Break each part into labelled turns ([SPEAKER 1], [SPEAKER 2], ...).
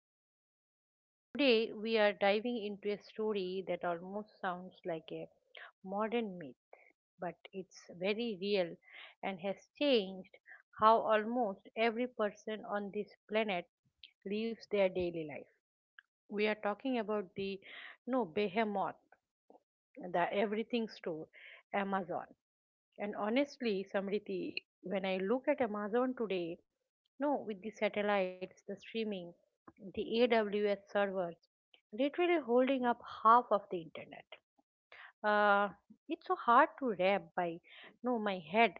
[SPEAKER 1] show. Today, we are diving into a story that almost sounds like a modern myth, but it's very real and has changed how almost every person on this planet lives their daily life. We are talking about the no behemoth, the everything store, Amazon. And honestly, Samriti, when I look at Amazon today, no, with the satellites, the streaming, the AWS servers, literally holding up half of the internet. Uh, it's so hard to wrap by no my head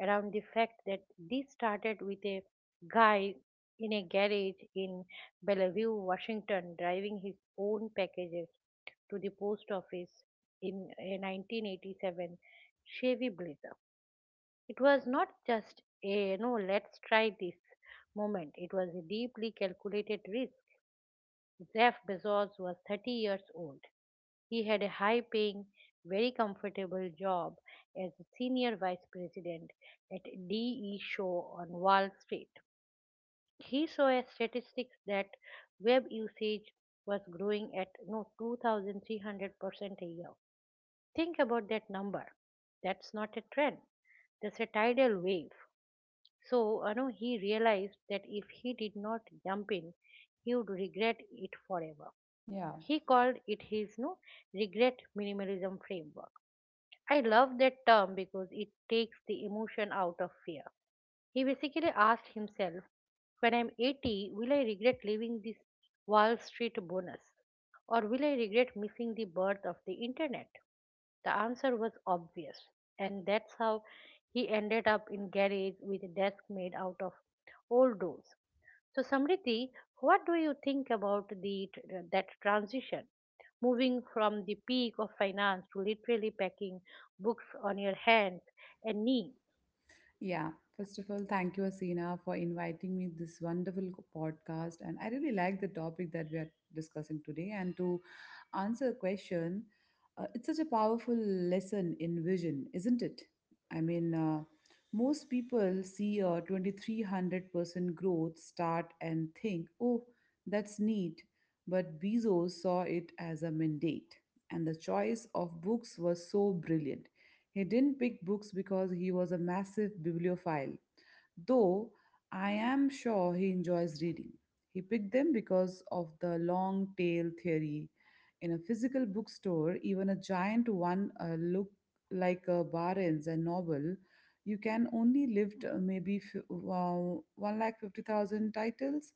[SPEAKER 1] around the fact that this started with a guy in a garage in Bellevue, Washington, driving his own packages to the post office in a 1987 Chevy Blazer. It was not just a let's try this moment. It was a deeply calculated risk. Jeff Bezos was 30 years old. He had a high paying, very comfortable job as a senior vice president at DE Show on Wall Street. He saw a statistics that web usage was growing at no 2300% a year. Think about that number. That's not a trend. That's a tidal wave. So, he realized that if he did not jump in, he would regret it forever.
[SPEAKER 2] Yeah,
[SPEAKER 1] He called it his no regret minimalism framework. I love that term because it takes the emotion out of fear. He basically asked himself, when I'm 80, will I regret leaving this Wall Street bonus? Or will I regret missing the birth of the internet? The answer was obvious, and that's how he ended up in garage with a desk made out of old doors. So, Samriti, what do you think about that transition, moving from the peak of finance to literally packing books on your hands and knees?
[SPEAKER 2] yeah. First of all, thank you, Asina, for inviting me this wonderful podcast. And I really like the topic that we are discussing today. And to answer a question, it's such a powerful lesson in vision, isn't it? I mean, most people see a 2300% growth start and think, oh, that's neat. But Bezos saw it as a mandate. And the choice of books was so brilliant. He didn't pick books because he was a massive bibliophile, though I am sure he enjoys reading. He picked them because of the long tail theory. In a physical bookstore, even a giant one look like a Barnes and Noble, you can only lift 150,000 titles,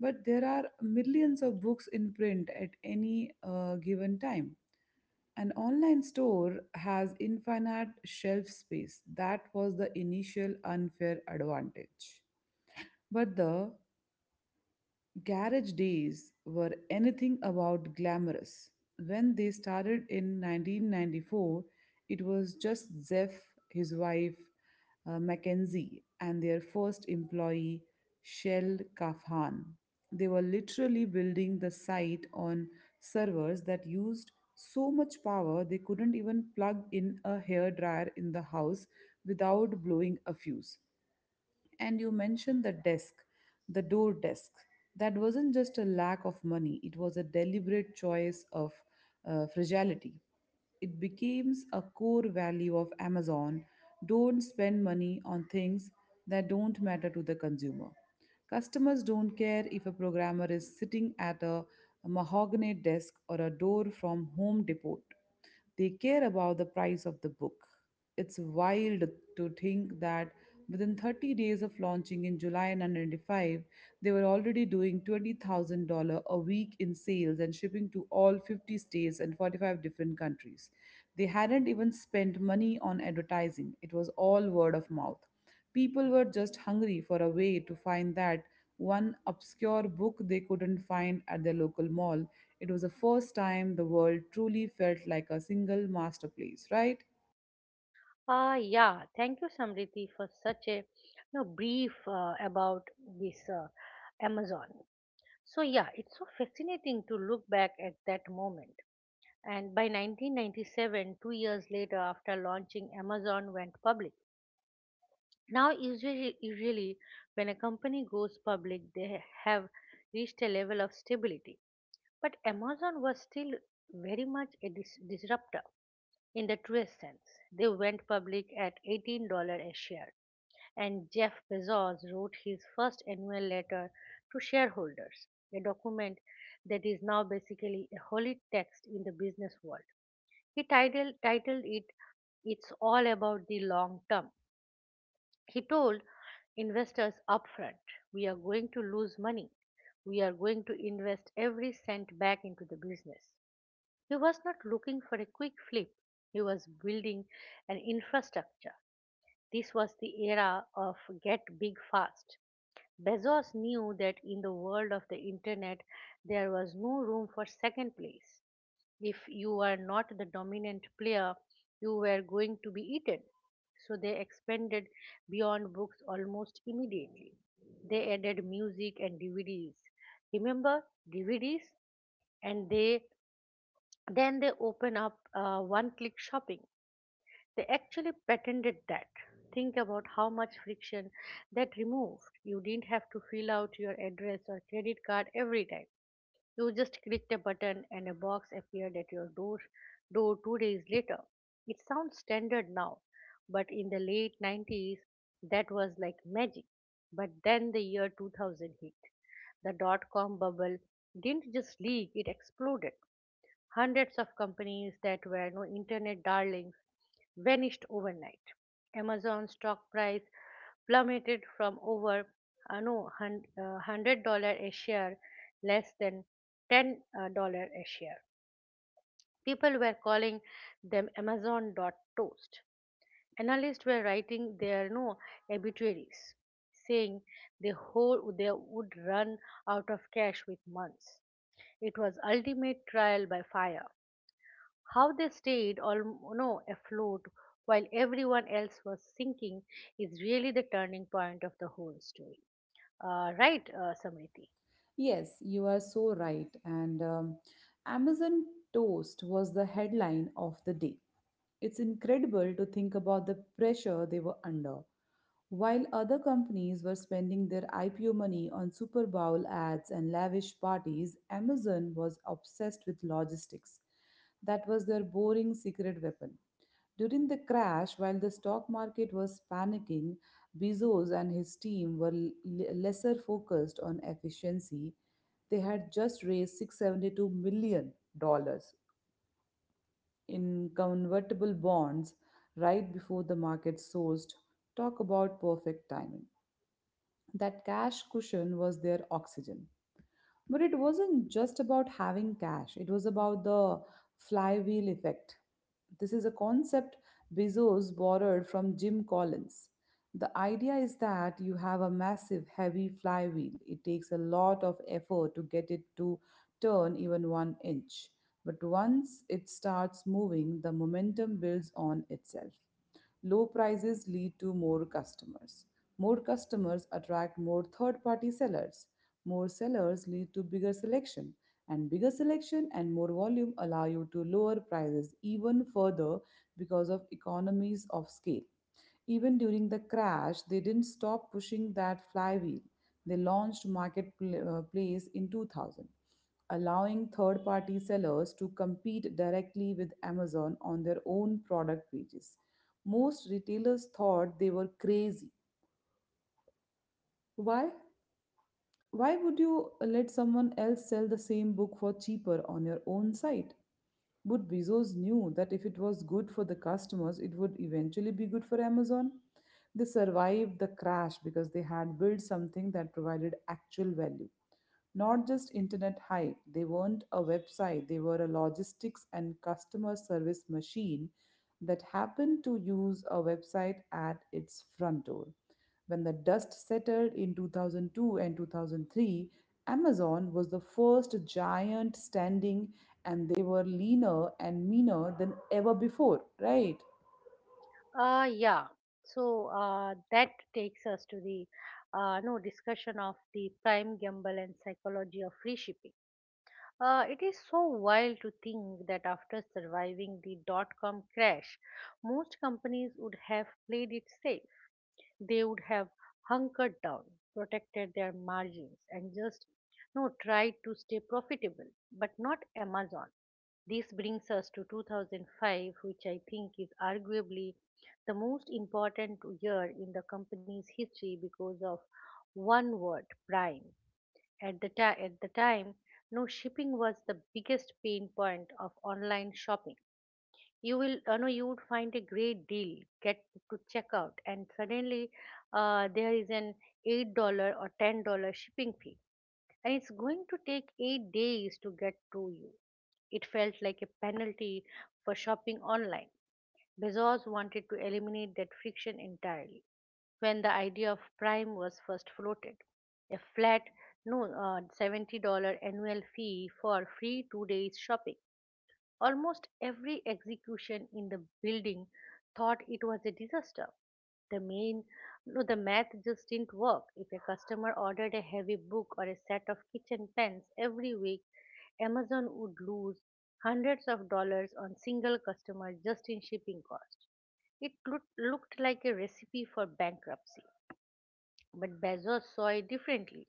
[SPEAKER 2] but there are millions of books in print at any given time. An online store has infinite shelf space. That was the initial unfair advantage. But the Garage days were anything about glamorous. When they started in 1994, it was just Zeph, his wife, Mackenzie, and their first employee, Shell Kafhan. They were literally building the site on servers that used so much power they couldn't even plug in a hair dryer in the house without blowing a fuse. And you mentioned the desk, the door desk. That wasn't just a lack of money, it was a deliberate choice of fragility. It becomes a core value of Amazon. Don't spend money on things that don't matter to the consumer. Customers don't care if a programmer is sitting at a mahogany desk or a door from Home Depot. They care about the price of the book. It's wild to think that within 30 days of launching in July 1995, they were already doing $20,000 a week in sales and shipping to all 50 states and 45 different countries. They hadn't even spent money on advertising, it was all word of mouth. People were just hungry for a way to find that one obscure book they couldn't find at their local mall. It was the first time the world truly felt like a single masterpiece, right?
[SPEAKER 1] Ah, yeah. Thank you, Samriti, for such a brief about this Amazon. So, yeah, it's so fascinating to look back at that moment, and by 1997, 2 years later after launching, Amazon went public. Now, usually, when a company goes public, they have reached a level of stability, but Amazon was still very much a disruptor. In the truest sense, they went public at $18 a share, and Jeff Bezos wrote his first annual letter to shareholders, a document that is now basically a holy text in the business world. He titled it "It's All About the Long Term." He told investors upfront, "We are going to lose money. We are going to invest every cent back into the business." He was not looking for a quick flip, he was building an infrastructure. This was the era of get big fast. Bezos knew that in the world of the internet, there was no room for second place. If you were not the dominant player, you were going to be eaten. So they expanded beyond books almost immediately. They added music and DVDs. Remember DVDs? And they then they open up one-click shopping. They actually patented that. Think about how much friction that removed. You didn't have to fill out your address or credit card every time. You just clicked a button, and a box appeared at your door 2 days later. It sounds standard now, but in the late 90s, that was like magic. But then the year 2000 hit. The dot com bubble didn't just leak, it exploded. Hundreds of companies that were no internet darlings vanished overnight. Amazon stock price plummeted from over no hun- $100 a share, less than ten dollar a share. People were calling them Amazon dot toast. Analysts were writing their no obituaries, saying they would run out of cash with months. It was ultimate trial by fire. How they stayed all afloat while everyone else was sinking is really the turning point of the whole story. Right, Samriti?
[SPEAKER 2] Yes, you are so right. And Amazon Toast was the headline of the day. It's incredible to think about the pressure they were under. While other companies were spending their IPO money on Super Bowl ads and lavish parties, Amazon was obsessed with logistics. That was their boring secret weapon. During the crash, while the stock market was panicking, Bezos and his team were lesser focused on efficiency. They had just raised 672 million dollars in convertible bonds right before the market sourced. Talk about perfect timing. That cash cushion was their oxygen. But it wasn't just about having cash, it was about the flywheel effect. This is a concept Bezos borrowed from Jim Collins. The idea is that you have a massive, heavy flywheel. It takes a lot of effort to get it to turn even one inch. But once it starts moving, the momentum builds on itself. Low prices lead to more customers. More customers attract more third party sellers. More sellers lead to bigger selection. And bigger selection and more volume allow you to lower prices even further because of economies of scale. Even during the crash, they didn't stop pushing that flywheel. They launched Marketplace in 2000, allowing third party sellers to compete directly with Amazon on their own product pages. Most retailers thought they were crazy. Why? Why would you let someone else sell the same book for cheaper on your own site? But Bezos knew that if it was good for the customers, it would eventually be good for Amazon. They survived the crash because they had built something that provided actual value. Not just internet hype, they weren't a website, they were a logistics and customer service machine that happened to use a website at its front door. When the dust settled in 2002 and 2003, Amazon was the first giant standing, and they were leaner and meaner than ever before, right?
[SPEAKER 1] Yeah. So, that takes us to the no discussion of the Prime gamble and psychology of free shipping. It is so wild to think that after surviving the dot com crash, most companies would have played it safe. They would have hunkered down, protected their margins, and just no tried to stay profitable, but not Amazon. This brings us to 2005, which I think is arguably the most important year in the company's history because of one word, Prime. At the time, no shipping was the biggest pain point of online shopping. You will you know you would find a great deal, get to check out, and suddenly, there is an $8 or $10 shipping fee, and it's going to take 8 days to get to you. It felt like a penalty for shopping online. Bezos wanted to eliminate that friction entirely. When the idea of Prime was first floated, a flat no $70 annual fee for free 2 days shopping, almost every execution in the building thought it was a disaster. The main no, the math just didn't work. If a customer ordered a heavy book or a set of kitchen pans every week, Amazon would lose hundreds of dollars on single customer just in shipping cost. It looked like a recipe for bankruptcy. But Bezos saw it differently.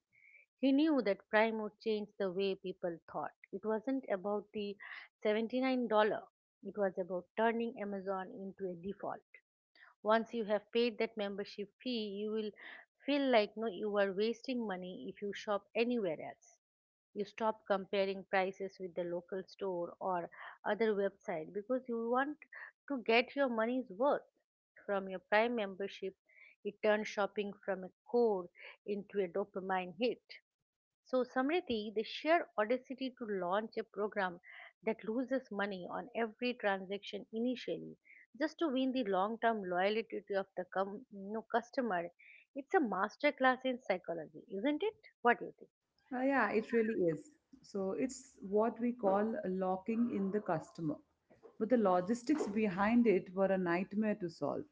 [SPEAKER 1] He knew that Prime would change the way people thought. It wasn't about the $79, it was about turning Amazon into a default. Once you have paid that membership fee, you will feel like no you are wasting money if you shop anywhere else. You stop comparing prices with the local store or other website because you want to get your money's worth from your Prime membership. It turns shopping from a chore into a dopamine hit. So, Samriti, the sheer audacity to launch a program that loses money on every transaction initially, just to win the long term loyalty of the customer, it's a masterclass in psychology, isn't it? What do you think?
[SPEAKER 2] Yeah, it really is. So it's what we call locking in the customer. But the logistics behind it were a nightmare to solve.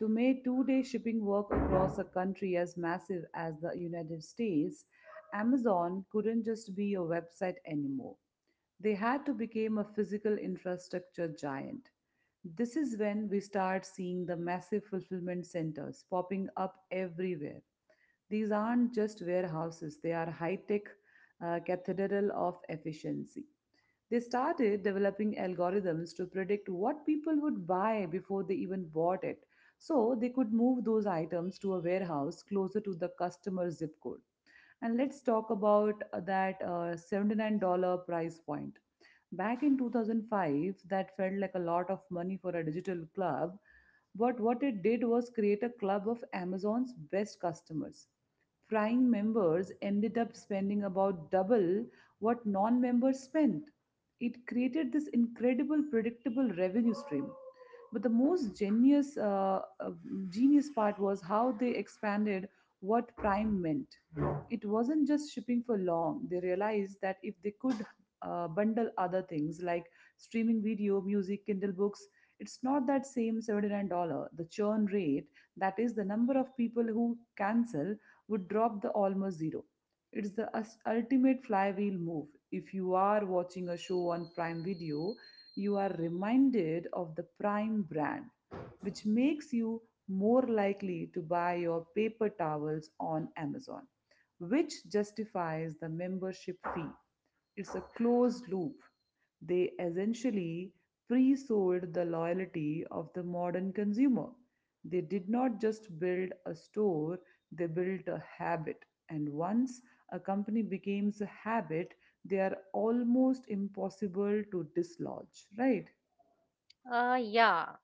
[SPEAKER 2] To make 2 day shipping work across a country as massive as the United States, Amazon couldn't just be a website anymore. They had to become a physical infrastructure giant. This is when we start seeing the massive fulfillment centers popping up everywhere these aren't just warehouses, they are high tech cathedral of efficiency. They started developing algorithms to predict what people would buy before they even bought it, so they could move those items to a warehouse closer to the customer's zip code. And let's talk about that $79 price point. Back in 2005, that felt like a lot of money for a digital club, but what it did was create a club of Amazon's best customers. Prime members ended up spending about double what non members spent. It created this incredible predictable revenue stream. But the most genius, genius part was how they expanded what Prime meant. It wasn't just shipping for long. They realized that if they could bundle other things like streaming video, music, Kindle books, it's not that same $79. The churn rate, that is, the number of people who cancel, would drop the almost zero. It's the ultimate flywheel move. If you are watching a show on Prime Video, you are reminded of the prime brand, which makes you more likely to buy your paper towels on Amazon, which justifies the membership fee. It's a closed loop. They essentially pre sold the loyalty of the modern consumer. They did not just build a store, they built a habit. And once a company becomes a habit, they are almost impossible to dislodge, right?
[SPEAKER 1] Yeah.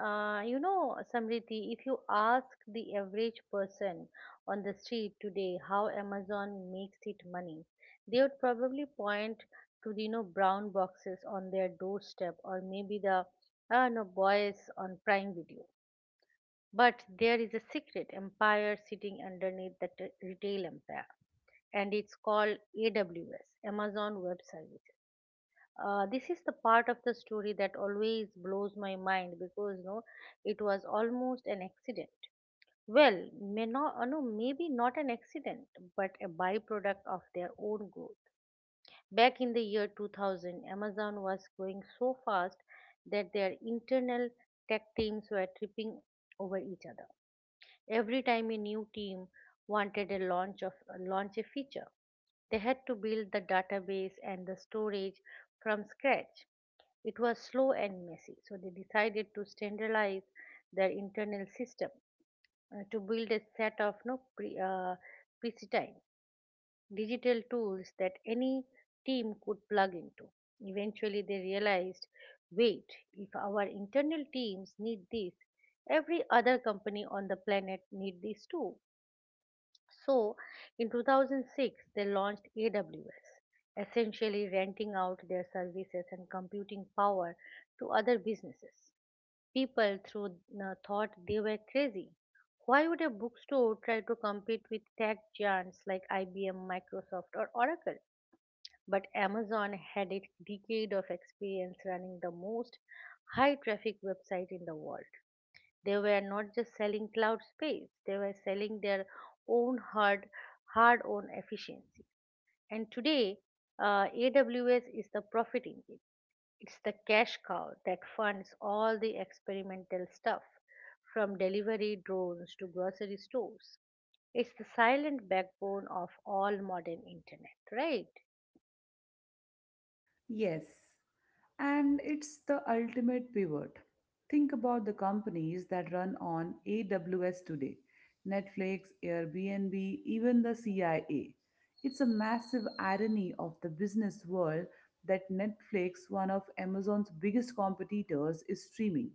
[SPEAKER 1] You know, Samriti, if you ask the average person on the street today how Amazon makes it money, they would probably point to the brown boxes on their doorstep, or maybe the no boys on Prime Video. But there is a secret empire sitting underneath the retail empire, and it's called AWS, Amazon Web Services. This is the part of the story that always blows my mind because no, it was almost an accident. Well, maybe not an accident, but a byproduct of their own growth. Back in the year 2000, Amazon was growing so fast that their internal tech teams were tripping over each other. Every time a new team wanted a launch of launch a feature, they had to build the database and the storage from scratch. It was slow and messy, so they decided to standardize their internal system, to build a set of no pre, pristine digital tools that any team could plug into. Eventually, they realized, wait, if our internal teams need this, every other company on the planet need this too. So, in 2006, they launched AWS, essentially renting out their services and computing power to other businesses. People through thought they were crazy. Why would a bookstore try to compete with tech giants like IBM, Microsoft, or Oracle? But Amazon had a decade of experience running the most high traffic website in the world. They were not just selling cloud space, they were selling their own hard on efficiency. And today, AWS is the profit engine. It's the cash cow that funds all the experimental stuff, from delivery drones to grocery stores. It's the silent backbone of all modern internet, right?
[SPEAKER 2] Yes, and it's the ultimate pivot. Think about the companies that run on AWS today Netflix, Airbnb, even the CIA. It's a massive irony of the business world that Netflix, one of Amazon's biggest competitors, is streaming,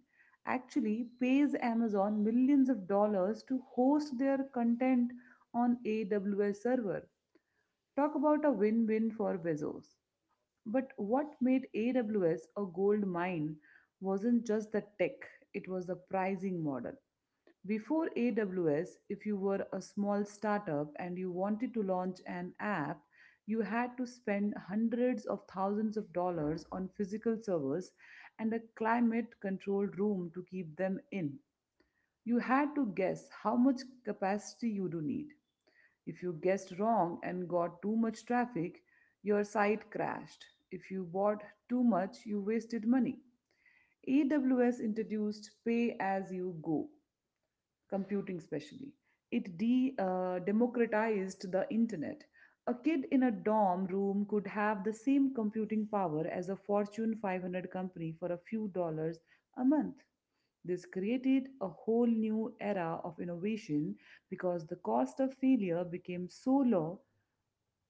[SPEAKER 2] actually pays Amazon millions of dollars to host their content on AWS server. Talk about a win win for Bezos. But what made AWS a gold mine wasn't just the tech, it was the pricing model. Before AWS, if you were a small startup and you wanted to launch an app, you had to spend hundreds of thousands of dollars on physical servers and a climate controlled room to keep them in. You had to guess how much capacity you do need. If you guessed wrong and got too much traffic, your site crashed. If you bought too much, you wasted money. AWS introduced pay as you go, computing specially. It democratized the internet. A kid in a dorm room could have the same computing power as a Fortune 500 company for a few dollars a month. This created a whole new era of innovation because the cost of failure became so low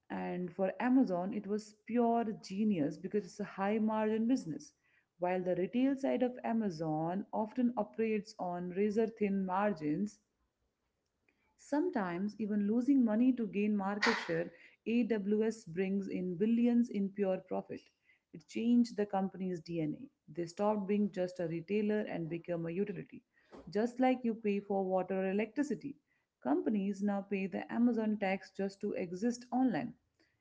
[SPEAKER 2] and for Amazon, it was pure genius because it's a high margin business. While the retail side of Amazon often operates on razor thin margins, sometimes even losing money to gain market share, AWS brings in billions in pure profit. It changed the company's DNA. They stopped being just a retailer and became a utility. Just like you pay for water or electricity, companies now pay the Amazon tax just to exist online.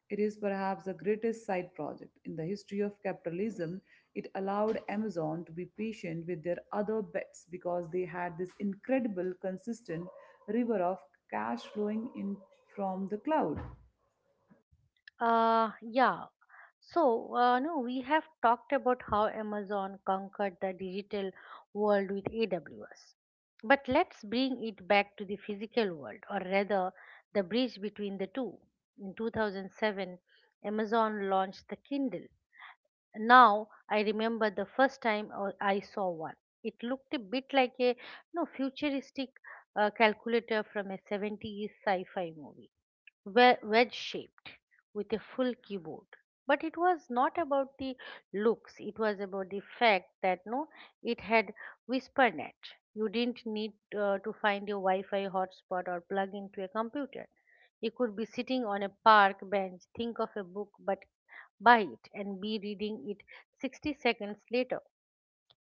[SPEAKER 2] It is perhaps the greatest side project in the history of capitalism. It allowed Amazon to be patient with their other bets because they had this incredible, consistent river of cash flowing in from the cloud.
[SPEAKER 1] Yeah. So, no, we have talked about how Amazon conquered the digital world with AWS. But let's bring it back to the physical world, or rather, the bridge between the two. In 2007, Amazon launched the Kindle. Now, I remember the first time I saw one. It looked a bit like a no, futuristic calculator from a 70s sci fi movie, wedge shaped with a full keyboard. But it was not about the looks. It was about the fact that no it had Whispernet. You didn't need to find your wi-fi hotspot or plug into a computer. You could be sitting on a park bench, think of a book, but buy it and be reading it 60 seconds later.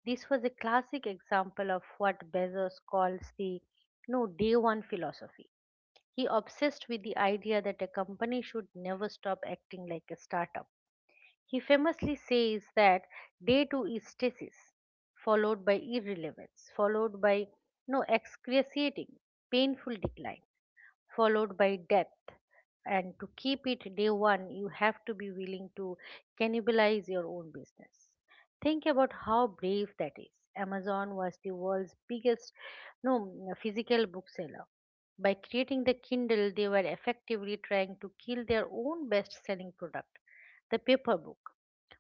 [SPEAKER 1] This was a classic example of what Bezos calls the no day one philosophy. He obsessed with the idea that a company should never stop acting like a startup. He famously says that day two is stasis, followed by irrelevance, followed by no excruciating, painful decline, followed by death. And to keep it day one, you have to be willing to cannibalize your own business. Think about how brave that is. Amazon was the world's biggest no, physical bookseller. By creating the Kindle, they were effectively trying to kill their own best selling product, the paper book.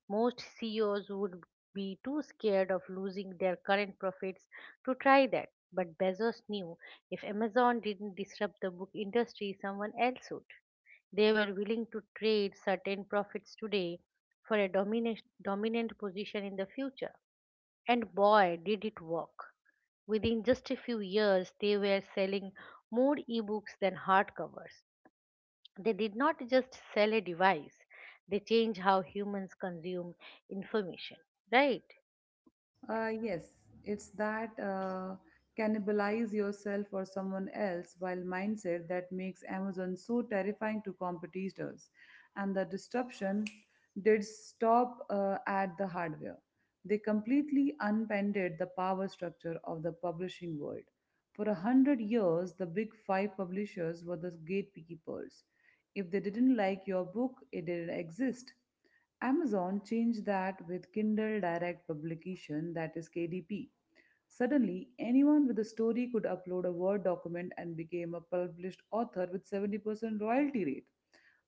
[SPEAKER 1] Most CEOs would be too scared of losing their current profits to try that. But Bezos knew if Amazon didn't disrupt the book industry, someone else would. They were willing to trade certain profits today for a dominant position in the future. And boy, did it work. Within just a few years, they were selling more ebooks than hardcovers. They did not just sell a device, they change how humans consume information, right?
[SPEAKER 2] Yes, it's that cannibalize yourself or someone else while mindset that makes Amazon so terrifying to competitors. And the disruption did stop at the hardware. They completely unpended the power structure of the publishing world. For a 100 years, the big five publishers were the gatekeepers. If they didn't like your book, it didn't exist. Amazon changed that with Kindle Direct Publication, that is KDP. Suddenly, anyone with a story could upload a Word document and became a published author with 70% royalty rate.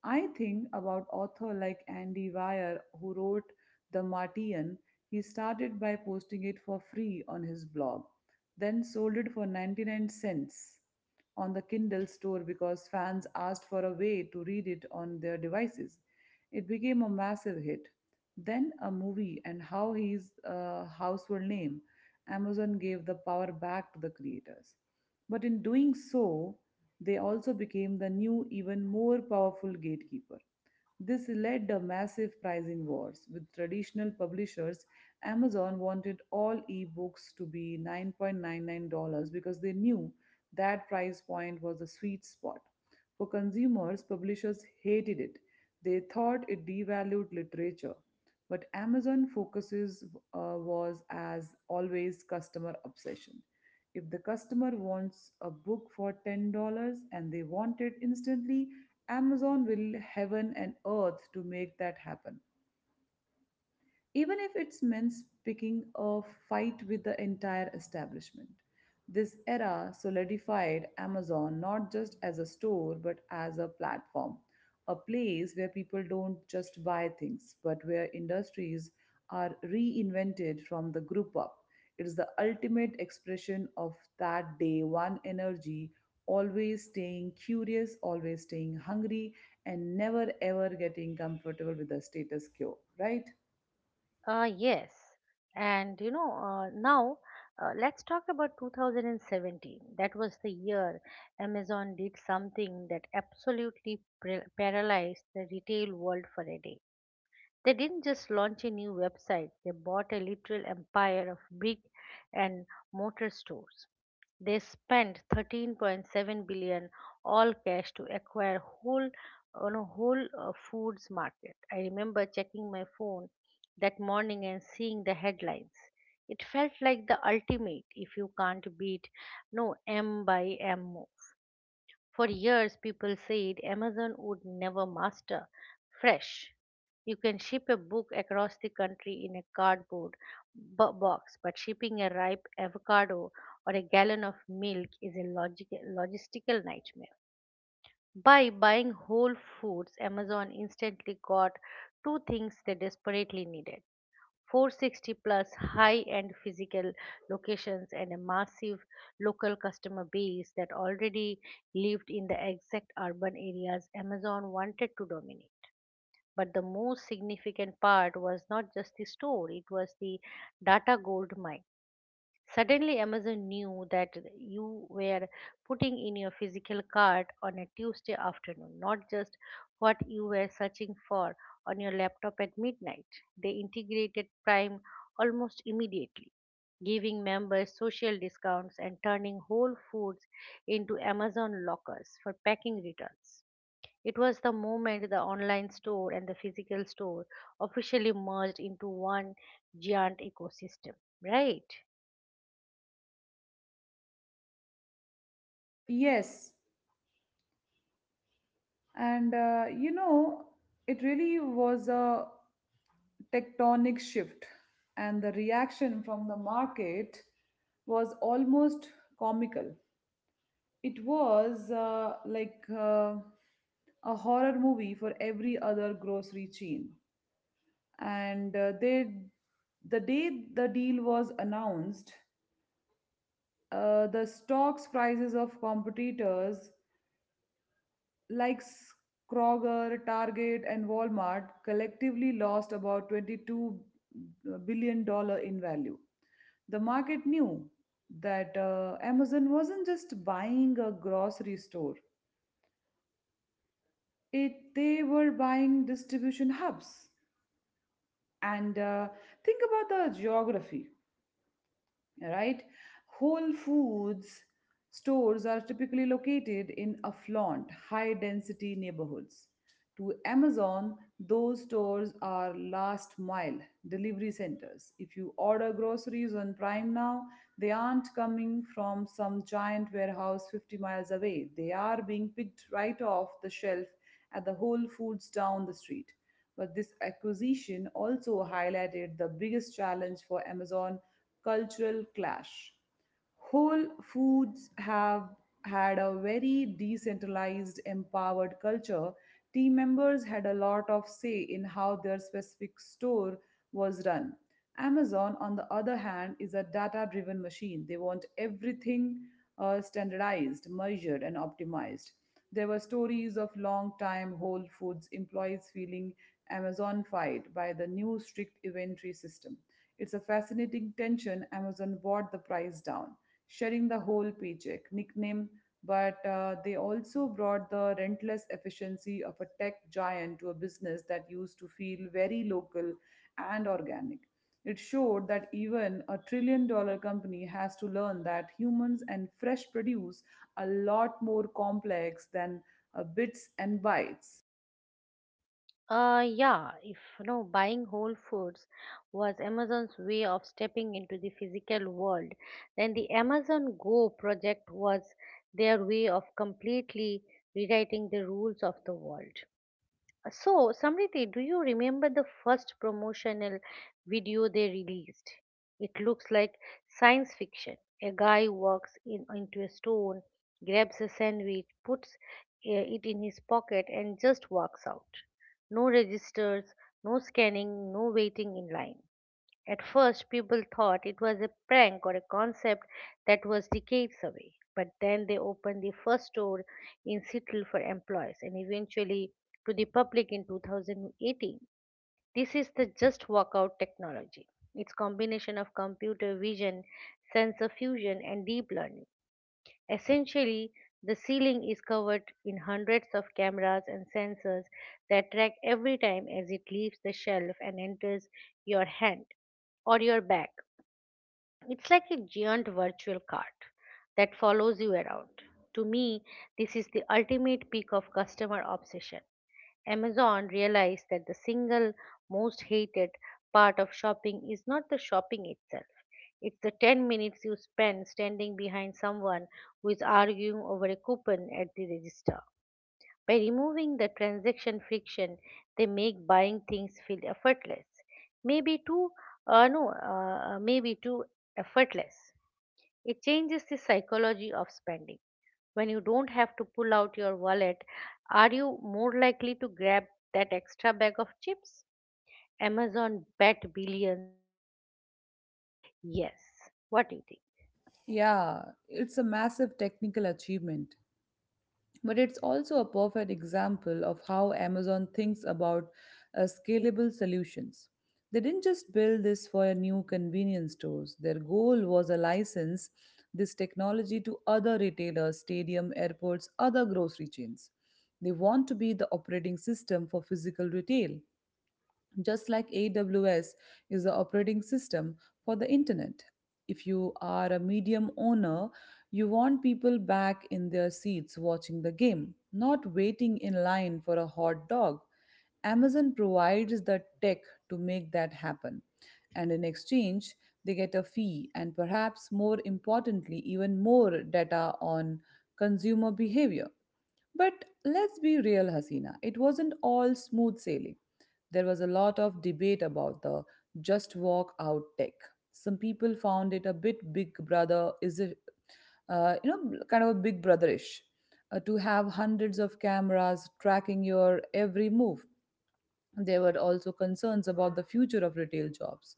[SPEAKER 2] I think about author like Andy Weir who wrote The Martian. He started by posting it for free on his blog, then sold it for 99 cents on the Kindle store because fans asked for a way to read it on their devices. It became a massive hit. Then a movie and how he's a household name. Amazon gave the power back to the creators. But in doing so, they also became the new, even more powerful gatekeeper. This led to massive pricing wars with traditional publishers. Amazon wanted all ebooks to be $9.99 because they knew that price point was the sweet spot. For consumers, publishers hated it. They thought it devalued literature. But Amazon focuses was as always customer obsession. If the customer wants a book for $10 and they want it instantly, Amazon will heaven and earth to make that happen even if it means picking a fight with the entire establishment. This era solidified Amazon not just as a store but as a platform, a place where people don't just buy things but where industries are reinvented from the group up. It is the ultimate expression of that day one energy, always staying curious, always staying hungry, and never ever getting comfortable with the status quo, right?
[SPEAKER 1] Yes. And you know, now Let's talk about 2017. That was the year Amazon did something that absolutely paralyzed the retail world for a day. They didn't just launch a new website, they bought a literal empire of brick and mortar stores. They spent 13.7 billion all cash to acquire whole on a whole foods market. I remember checking my phone that morning and seeing the headlines. It felt like the ultimate if you can't beat no M by M. For years, people said Amazon would never master fresh. You can ship a book across the country in a cardboard box, but shipping a ripe avocado or a gallon of milk is a logistical nightmare. By buying Whole Foods, Amazon instantly got two things they desperately needed: 460 plus high end physical locations and a massive local customer base that already lived in the exact urban areas Amazon wanted to dominate. But the most significant part was not just the store, it was the data gold mine. Suddenly, Amazon knew that you were putting in your physical cart on a Tuesday afternoon, not just what you were searching for on your laptop at midnight. They integrated Prime almost immediately, giving members social discounts and turning Whole Foods into Amazon lockers for packing returns. It was the moment the online store and the physical store officially merged into one giant ecosystem, right?
[SPEAKER 2] Yes, and uh, you know, it really was a tectonic shift, and the reaction from the market was almost comical. It was like a horror movie for every other grocery chain, and the day the deal was announced, the stocks prices of competitors like Kroger, Target, and Walmart collectively lost about $22 billion in value. The market knew that Amazon wasn't just buying a grocery store; it they were buying distribution hubs. And think about the geography, right? Whole Foods stores are typically located in affluent, high density neighborhoods. To Amazon, those stores are last mile delivery centers. If you order groceries on Prime now, they aren't coming from some giant warehouse 50 miles away. They are being picked right off the shelf at the Whole Foods down the street. But this acquisition also highlighted the biggest challenge for Amazon cultural clash. Whole foods have had a very decentralized, empowered culture. Team members had a lot of say in how their specific store was run. Amazon, on the other hand, is a data driven machine. They want everything standardized, measured, and optimized. There were stories of long time Whole Foods employees feeling Amazonified by the new strict inventory system. It's a fascinating tension. Amazon brought the price down, sharing the whole paycheck nickname, but they also brought the rentless efficiency of a tech giant to a business that used to feel very local and organic. It showed that even a trillion dollar company has to learn that humans and fresh produce a lot more complex than bits and bytes.
[SPEAKER 1] Yeah, if you know, buying Whole Foods was Amazon's way of stepping into the physical world, then the Amazon Go project was their way of completely rewriting the rules of the world. So, Samriti, do you remember the first promotional video they released? It looks like science fiction. A guy walks in into a stone, grabs a sandwich, puts it in his pocket, and just walks out. No registers, no scanning, no waiting in line. At first, people thought it was a prank or a concept that was decades away. But then they opened the first store in Seattle for employees and eventually to the public in 2018. This is the just walkout technology. It's combination of computer vision, sensor fusion, and deep learning. Essentially, the ceiling is covered in hundreds of cameras and sensors that track every time as it leaves the shelf and enters your hand or your bag. It's like a giant virtual cart that follows you around. To me, this is the ultimate peak of customer obsession. Amazon realized that the single most hated part of shopping is not the shopping itself. It's the 10 minutes you spend standing behind someone who is arguing over a coupon at the register. By removing the transaction friction, they make buying things feel effortless. Maybe too, no, maybe too effortless. It changes the psychology of spending. When you don't have to pull out your wallet, are you more likely to grab that extra bag of chips? Amazon bet billions that the answer is yes. What do you think?
[SPEAKER 2] Yeah, it's a massive technical achievement. But it's also a perfect example of how Amazon thinks about scalable solutions. They didn't just build this for new convenience stores, their goal was a license this technology to other retailers, stadium, airports, other grocery chains. They want to be the operating system for physical retail just like AWS is the operating system for the internet. If you are a medium owner, you want people back in their seats watching the game, not waiting in line for a hot dog. Amazon provides the tech to make that happen. And in exchange, they get a fee and perhaps more importantly, even more data on consumer behavior. But let's be real, Hasina, it wasn't all smooth sailing. There was a lot of debate about the just walk out tech. Some people found it a bit big brother is it kind of a big brotherish to have hundreds of cameras tracking your every move. There were also concerns about the future of retail jobs.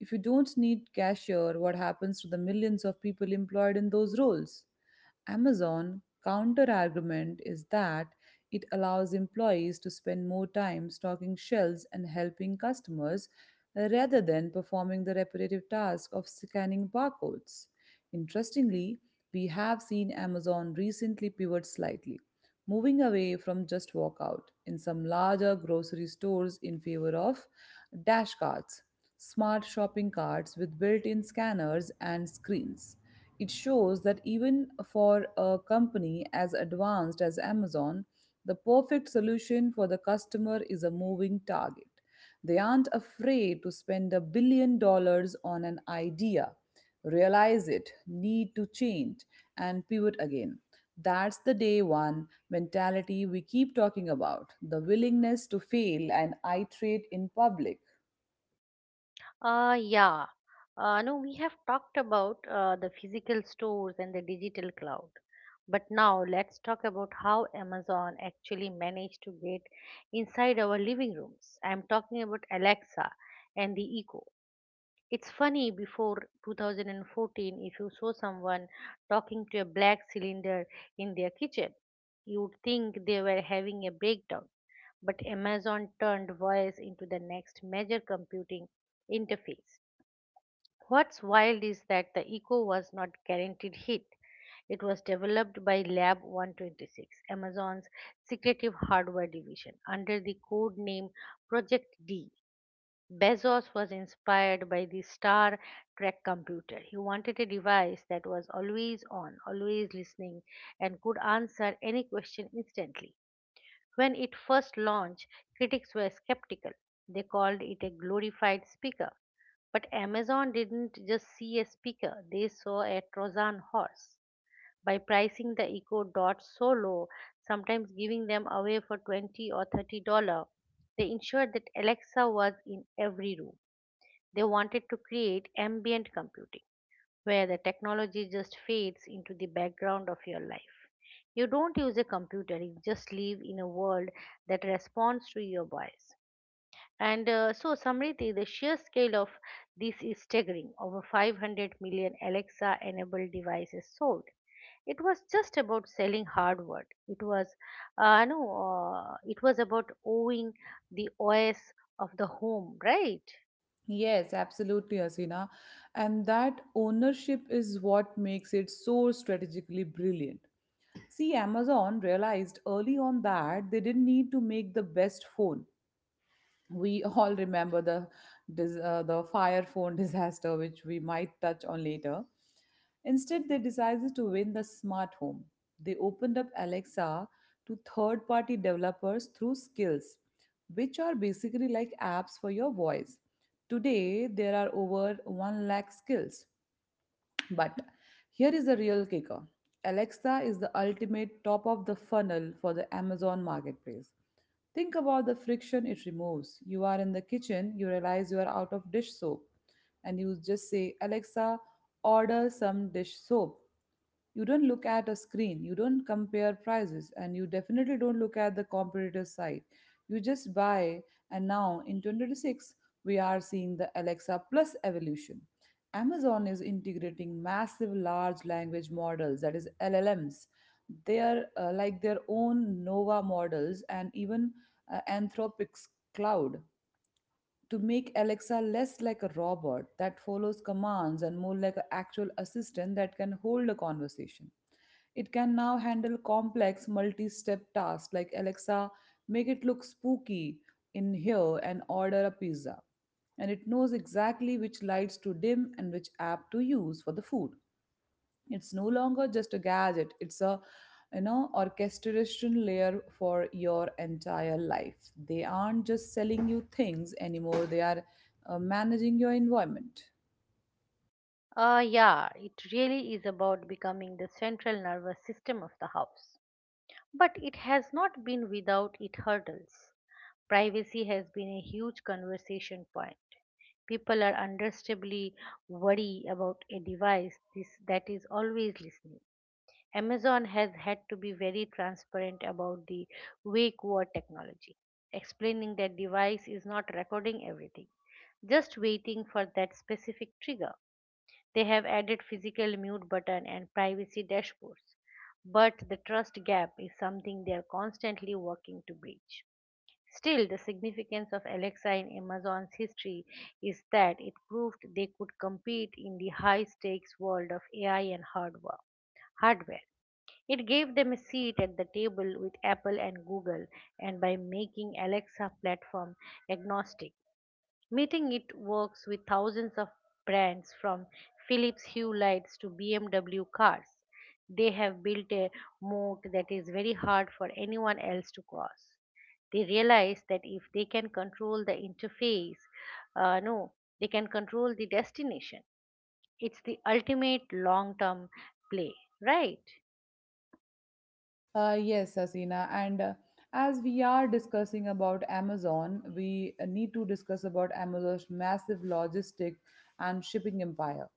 [SPEAKER 2] If you don't need cashier, what happens to the millions of people employed in those roles? Amazon counter argument is that it allows employees to spend more time stocking shelves and helping customers rather than performing the repetitive task of scanning barcodes. Interestingly, we have seen Amazon recently pivot slightly moving away from just walkout in some larger grocery stores in favor of dash carts, smart shopping carts with built in scanners and screens. It shows that even for a company as advanced as Amazon, the perfect solution for the customer is a moving target. They aren't afraid to spend a billion dollars on an idea realize it, need to change, and pivot again. That's the day one mentality we keep talking about the willingness to fail and iterate in public.
[SPEAKER 1] Yeah. No, we have talked about the physical stores and the digital cloud. But now let's talk about how Amazon actually managed to get inside our living rooms. I'm talking about Alexa and the Echo. It's funny, before 2014, if you saw someone talking to a black cylinder in their kitchen, you would think they were having a breakdown. But Amazon turned voice into the next major computing interface. What's wild is that the Eco was not guaranteed hit. It was developed by Lab 126, Amazon's secretive hardware division, under the code name Project D. Bezos was inspired by the Star Trek computer. He wanted a device that was always on, always listening, and could answer any question instantly. When it first launched, critics were skeptical. They called it a glorified speaker. But Amazon didn't just see a speaker, they saw a Trojan horse. By pricing the Echo Dot so low, sometimes giving them away for 20 or $30, they ensured that Alexa was in every room. They wanted to create ambient computing where the technology just fades into the background of your life. You don't use a computer, you just live in a world that responds to your bias. And so, Samriti, the sheer scale of this is staggering. Over 500 million Alexa enabled devices sold. It was just about selling hardware. It was, no, it was about owning the OS of the home, right?
[SPEAKER 2] Yes, absolutely, Asina. And that ownership is what makes it so strategically brilliant. See, Amazon realized early on that they didn't need to make the best phone. We all remember the the fire phone disaster which we might touch on later. Instead they decided to win the smart home. They opened up Alexa to third party developers through skills, which are basically like apps for your voice. Today there are over 1 lakh skills. But here is the real kicker. Alexa is the ultimate top of the funnel for the Amazon marketplace. Think about the friction it removes. You are in the kitchen, you realize you are out of dish soap, and you just say, Alexa, order some dish soap. You don't look at a screen, you don't compare prices, and you definitely don't look at the competitor site. You just buy. And now in 2026 we are seeing the Alexa plus evolution. Amazon is integrating massive large language models, that is LLMs. They are like their own Nova models and even Anthropic's cloud to make Alexa less like a robot that follows commands and more like an actual assistant that can hold a conversation. It can now handle complex multi step tasks like, Alexa, make it look spooky in here and order a pizza. And it knows exactly which lights to dim and which app to use for the food. It's no longer just a gadget, it's a orchestration layer for your entire life. They aren't just selling you things anymore, they are managing your environment.
[SPEAKER 1] Yeah, it really is about becoming the central nervous system of the house. But it has not been without its hurdles. Privacy has been a huge conversation point. People are understandably worried about a that is always listening. Amazon has had to be very transparent about the wake word technology, explaining that device is not recording everything, just waiting for that specific trigger. They have added physical mute button and privacy dashboards, but the trust gap is something they are constantly working to bridge. Still, the significance of Alexa in Amazon's history is that it proved they could compete in the high stakes world of AI and hardware. It gave them a seat at the table with Apple and Google, and by making Alexa platform agnostic, Meeting it works with thousands of brands from Philips Hue lights to BMW cars. They have built a moat that is very hard for anyone else to cross. They realize that if they can control the interface, no, they can control the destination. It's the ultimate long term play, right?
[SPEAKER 2] Yes, Asina, and as we are discussing about Amazon we need to discuss about Amazon's massive logistic and shipping empire,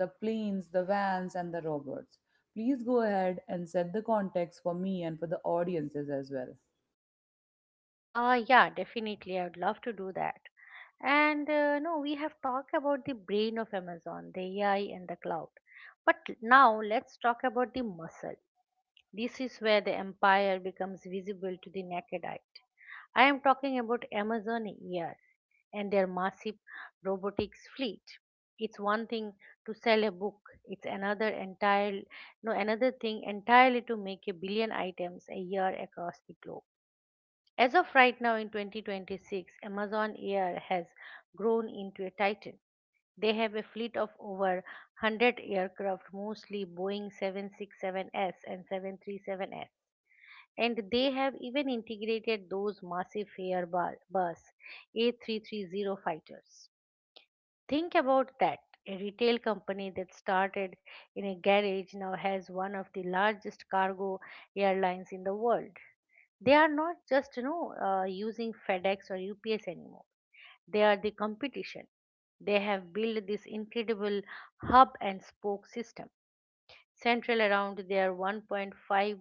[SPEAKER 2] the planes, the vans, and the robots. Please go ahead and set the context for me and for the audiences as well.
[SPEAKER 1] Yeah, definitely. I would love to do that. And no, we have talked about the brain of Amazon, the AI, and the cloud. But now let's talk about the muscle. This is where the empire becomes visible to the naked eye. I am talking about Amazon ER and their massive robotics fleet. It's one thing to sell a book, it's another entire no another thing entirely to make a billion items a year across the globe. As of right now in 2026, Amazon Air has grown into a titan. They have a fleet of over 100 aircraft, mostly Boeing 767s and 737s, and they have even integrated those massive Airbus A330 fighters. Think about that. A retail company that started in a garage now has one of the largest cargo airlines in the world. They are not just using FedEx or UPS anymore. They are the competition. They have built this incredible hub and spoke system central around their 1.5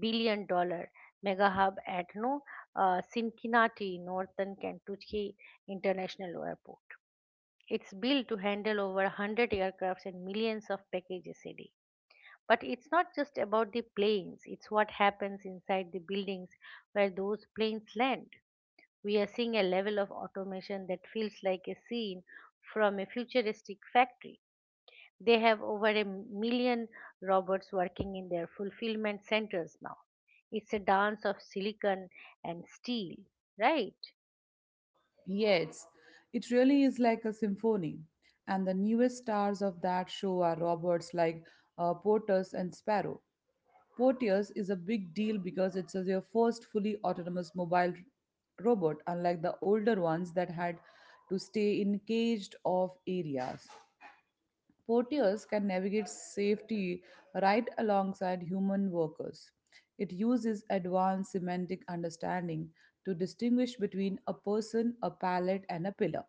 [SPEAKER 1] billion dollars mega hub at no Cincinnati, Northern Kentucky International Airport. It's built to handle over 100 aircrafts and millions of packages a day. But it's not just about the planes, it's what happens inside the buildings where those planes land. We are seeing a level of automation that feels like a scene from a futuristic factory. They have over a million robots working in their fulfillment centers now. It's a dance of silicon and steel, right?
[SPEAKER 2] Yes, it really is like a symphony. And the newest stars of that show are robots like Portus and Sparrow. Porteus is a big deal because their first fully autonomous mobile robot, unlike the older ones that had to stay in caged off areas. Porters can navigate safety right alongside human workers. It uses advanced semantic understanding to distinguish between a person, a pallet, and a pillar.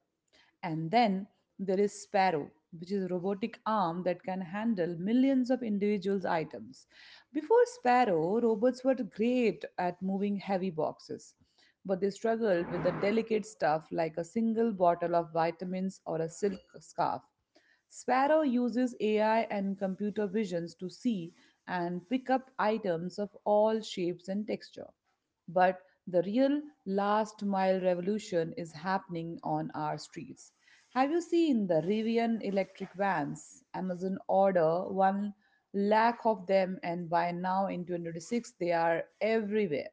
[SPEAKER 2] And then there is Sparrow, which is a robotic arm that can handle millions of individuals' items. Before Sparrow, robots were great at moving heavy boxes, but they struggled with the delicate stuff like a single bottle of vitamins or a silk scarf. Sparrow uses AI and computer visions to see and pick up items of all shapes and texture. But the real last mile revolution is happening on our streets. Have you seen the Rivian electric vans? Amazon order 1 lakh of them, and by now in 2026, they are everywhere.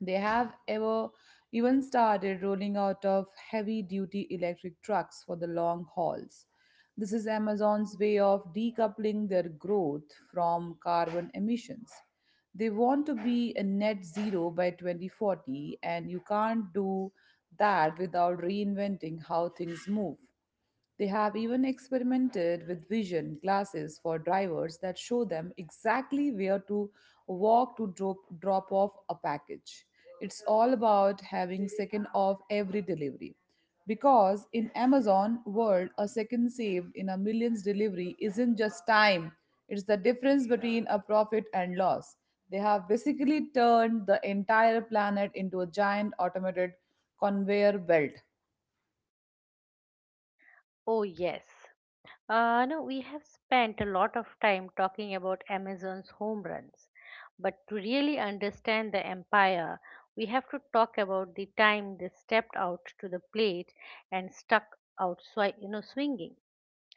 [SPEAKER 2] They have ever even started rolling out of heavy duty electric trucks for the long hauls. This is Amazon's way of decoupling their growth from carbon emissions. They want to be a net zero by 2040, and you can't do that without reinventing how things move. They have even experimented with vision glasses for drivers that show them exactly where to walk to drop off a package. It's all about having second off every delivery. Because in Amazon world, a second saved in a millions delivery isn't just time, it's the difference between a profit and loss. They have basically turned the entire planet into a giant automated conveyor belt.
[SPEAKER 1] Oh, yes. No, we have spent a lot of time talking about Amazon's home runs, but to really understand the empire, we have to talk about the time they stepped out to the plate and stuck out, swinging.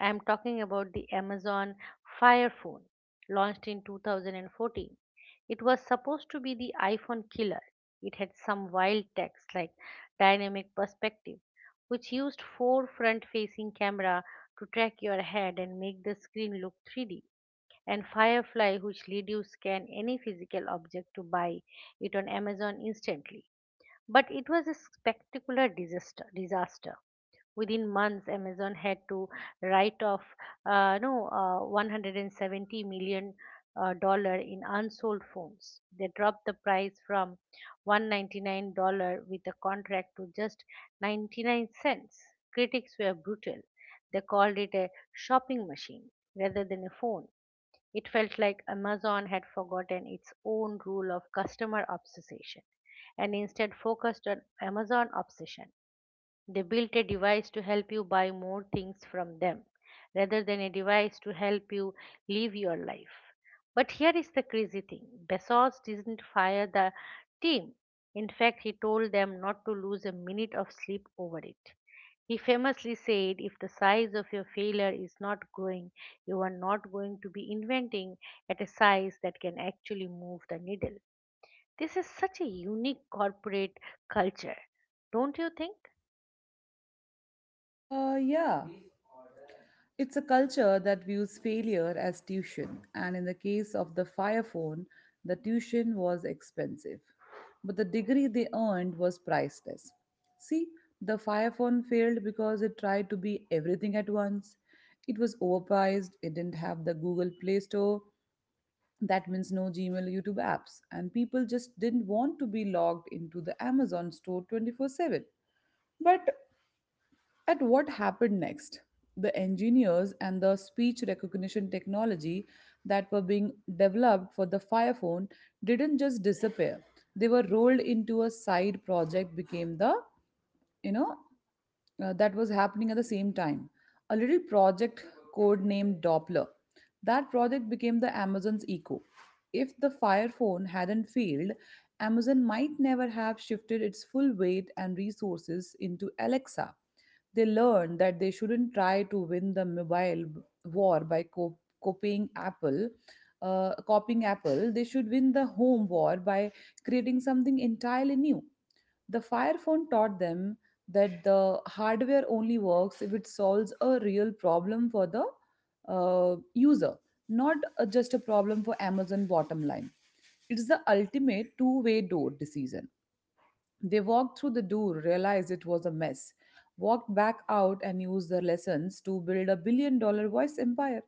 [SPEAKER 1] I am talking about the Amazon Fire Phone, launched in 2014. It was supposed to be the iPhone killer. It had some wild text like dynamic perspective, which used four front facing camera to track your head and make the screen look 3D, and Firefly, which let you scan any physical object to buy it on Amazon instantly. But it was a spectacular disaster. Within months, Amazon had to write off no 170 million dollar in unsold phones. They dropped the price from $199 with a contract to just 99¢. Critics were brutal. They called it a shopping machine rather than a phone. It felt like Amazon had forgotten its own rule of customer obsession and instead focused on Amazon obsession. They built a device to help you buy more things from them rather than a device to help you live your life. But here is the crazy thing Bezos didn't fire the team. In fact, he told them not to lose a minute of sleep over it. He famously said, If the size of your failure is not growing, you are not going to be inventing at a size that can actually move the needle. This is such a unique corporate culture, don't you think?
[SPEAKER 2] Yeah. It's a culture that views failure as tuition, and in the case of the fire phone, the tuition was expensive, but the degree they earned was priceless. See, the fire phone failed because it tried to be everything at once. It was overpriced, it didn't have the Google Play Store, that means no Gmail, YouTube apps, and people just didn't want to be logged into the Amazon store 24/7. But at what happened next? The engineers and the speech recognition technology that were being developed for the Fire Phone didn't just disappear. They were rolled into a side project became the, you know, that was happening at the same time. A little project code named Doppler. That project became the Amazon's Echo. If the Fire Phone hadn't failed, Amazon might never have shifted its full weight and resources into Alexa. They learned that they shouldn't try to win the mobile war by copying Apple. Copying Apple, they should win the home war by creating something entirely new. The Fire Phone taught them that the hardware only works if it solves a real problem for the user, not just a problem for Amazon bottom line. It's the ultimate two-way door decision. They walked through the door, realized it was a mess, walked back out, and used their lessons to build a billion dollar voice empire.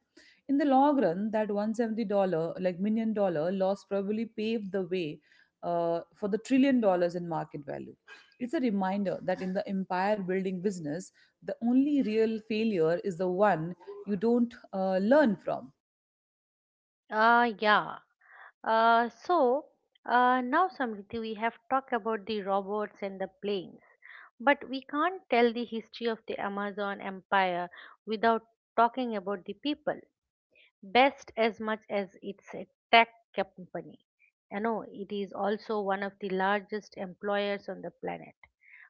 [SPEAKER 2] In the long run, that $170, like million dollar loss probably paved the way for the trillion dollars in market value. It's a reminder that in the empire building business, the only real failure is the one you don't learn from.
[SPEAKER 1] Yeah. So now, Samriti, we have talked about the robots and the planes, but we can't tell the history of the Amazon empire without talking about the people. Best as much as it's a tech company, it is also one of the largest employers on the planet.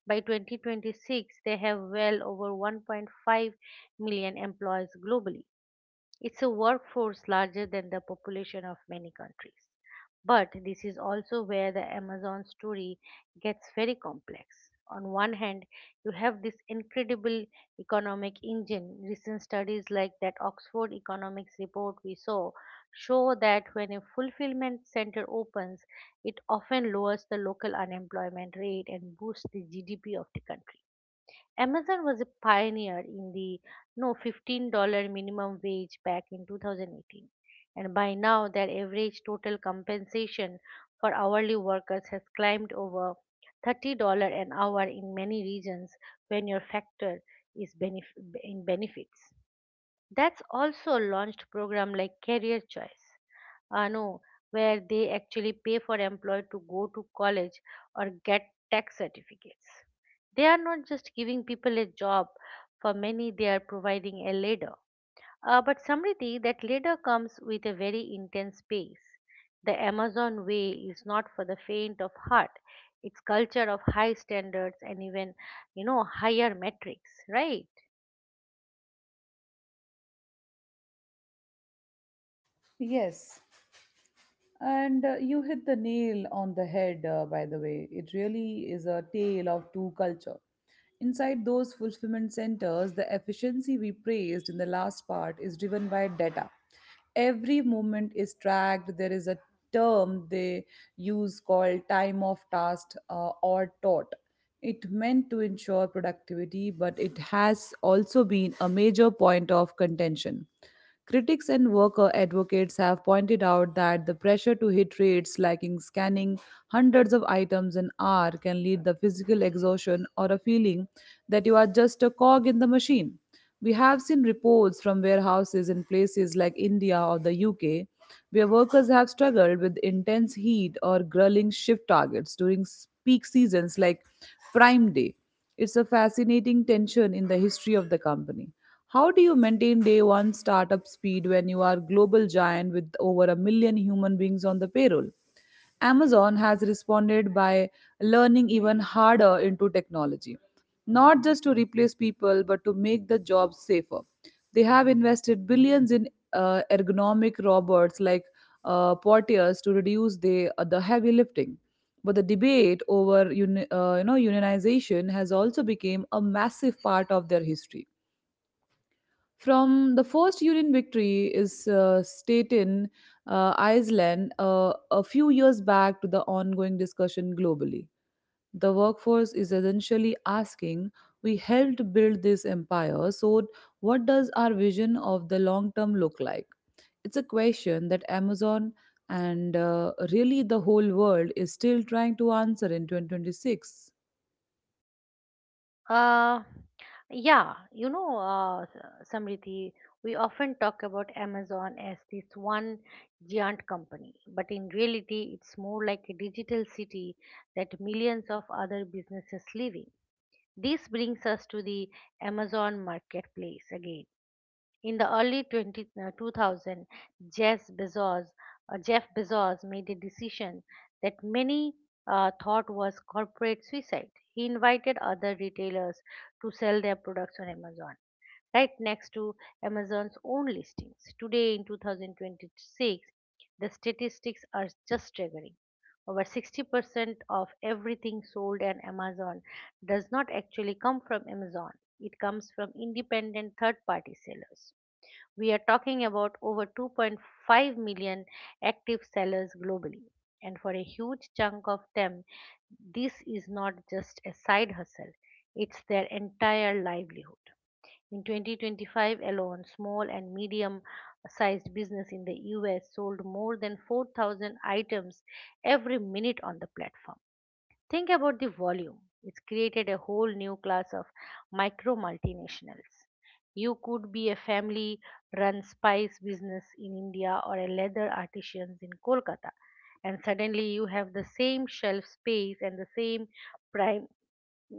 [SPEAKER 1] By 2026, they have well over 1.5 million employees globally. It's a workforce larger than the population of many countries. But this is also where the Amazon story gets very complex. On one hand, you have this incredible economic engine. Recent studies like that Oxford Economics report we saw show that when a fulfillment center opens, it often lowers the local unemployment rate and boosts the GDP of the country. Amazon was a pioneer in the no $15 minimum wage back in 2018, and by now their average total compensation for hourly workers has climbed over $30 an hour in many regions when your factor is in benefits. That's also launched program like career choice, no where they actually pay for employee to go to college or get tax certificates. They are not just giving people a job; for many, they are providing a ladder. But Samriti, that ladder comes with a very intense pace. The Amazon way is not for the faint of heart. It's culture of high standards and even higher metrics, right?
[SPEAKER 2] Yes. And you hit the nail on the head, by the way. It really is a tale of two culture. Inside those fulfillment centers, the efficiency we praised in the last part is driven by data. Every movement is tracked. There is a term they use called time of task or TOT. It meant to ensure productivity, but it has also been a major point of contention. Critics and worker advocates have pointed out that the pressure to hit rates lacking scanning hundreds of items an hour can lead to physical exhaustion or a feeling that you are just a cog in the machine. We have seen reports from warehouses in places like India or the UK where workers have struggled with intense heat or grueling shift targets during peak seasons like Prime Day. It's a fascinating tension in the history of the company. How do you maintain day one startup speed when you are a global giant with over a million human beings on the payroll? Amazon has responded by learning even harder into technology, not just to replace people, but to make the jobs safer. They have invested billions in ergonomic robots like portiers to reduce the heavy lifting. But the debate over unionization has also become a massive part of their history. From the first Union victory is Staten Iceland a few years back to the ongoing discussion globally. The workforce is essentially asking, we helped build this empire, so what does our vision of the long term look like? It's a question that Amazon and really the whole world is still trying to answer in 2026.
[SPEAKER 1] Uh, yeah, Samriddhi, we often talk about Amazon as this one giant company, but in reality, it's more like a digital city that millions of other businesses live in. This brings us to the Amazon marketplace again. In the early 2000, Jeff Bezos, Jeff Bezos made a decision that many thought was corporate suicide. He invited other retailers to sell their products on Amazon, right next to Amazon's own listings. Today, in 2026, the statistics are just staggering. Over 60% of everything sold on Amazon does not actually come from Amazon. It comes from independent third party sellers. We are talking about over 2.5 million active sellers globally. And for a huge chunk of them, this is not just a side hustle, it's their entire livelihood. In 2025 alone, small and medium sized business in the US sold more than 4,000 items every minute on the platform. Think about the volume. It's created a whole new class of micro multinationals. You could be a family run spice business in India or a leather artisans in Kolkata, and suddenly you have the same shelf space and the same prime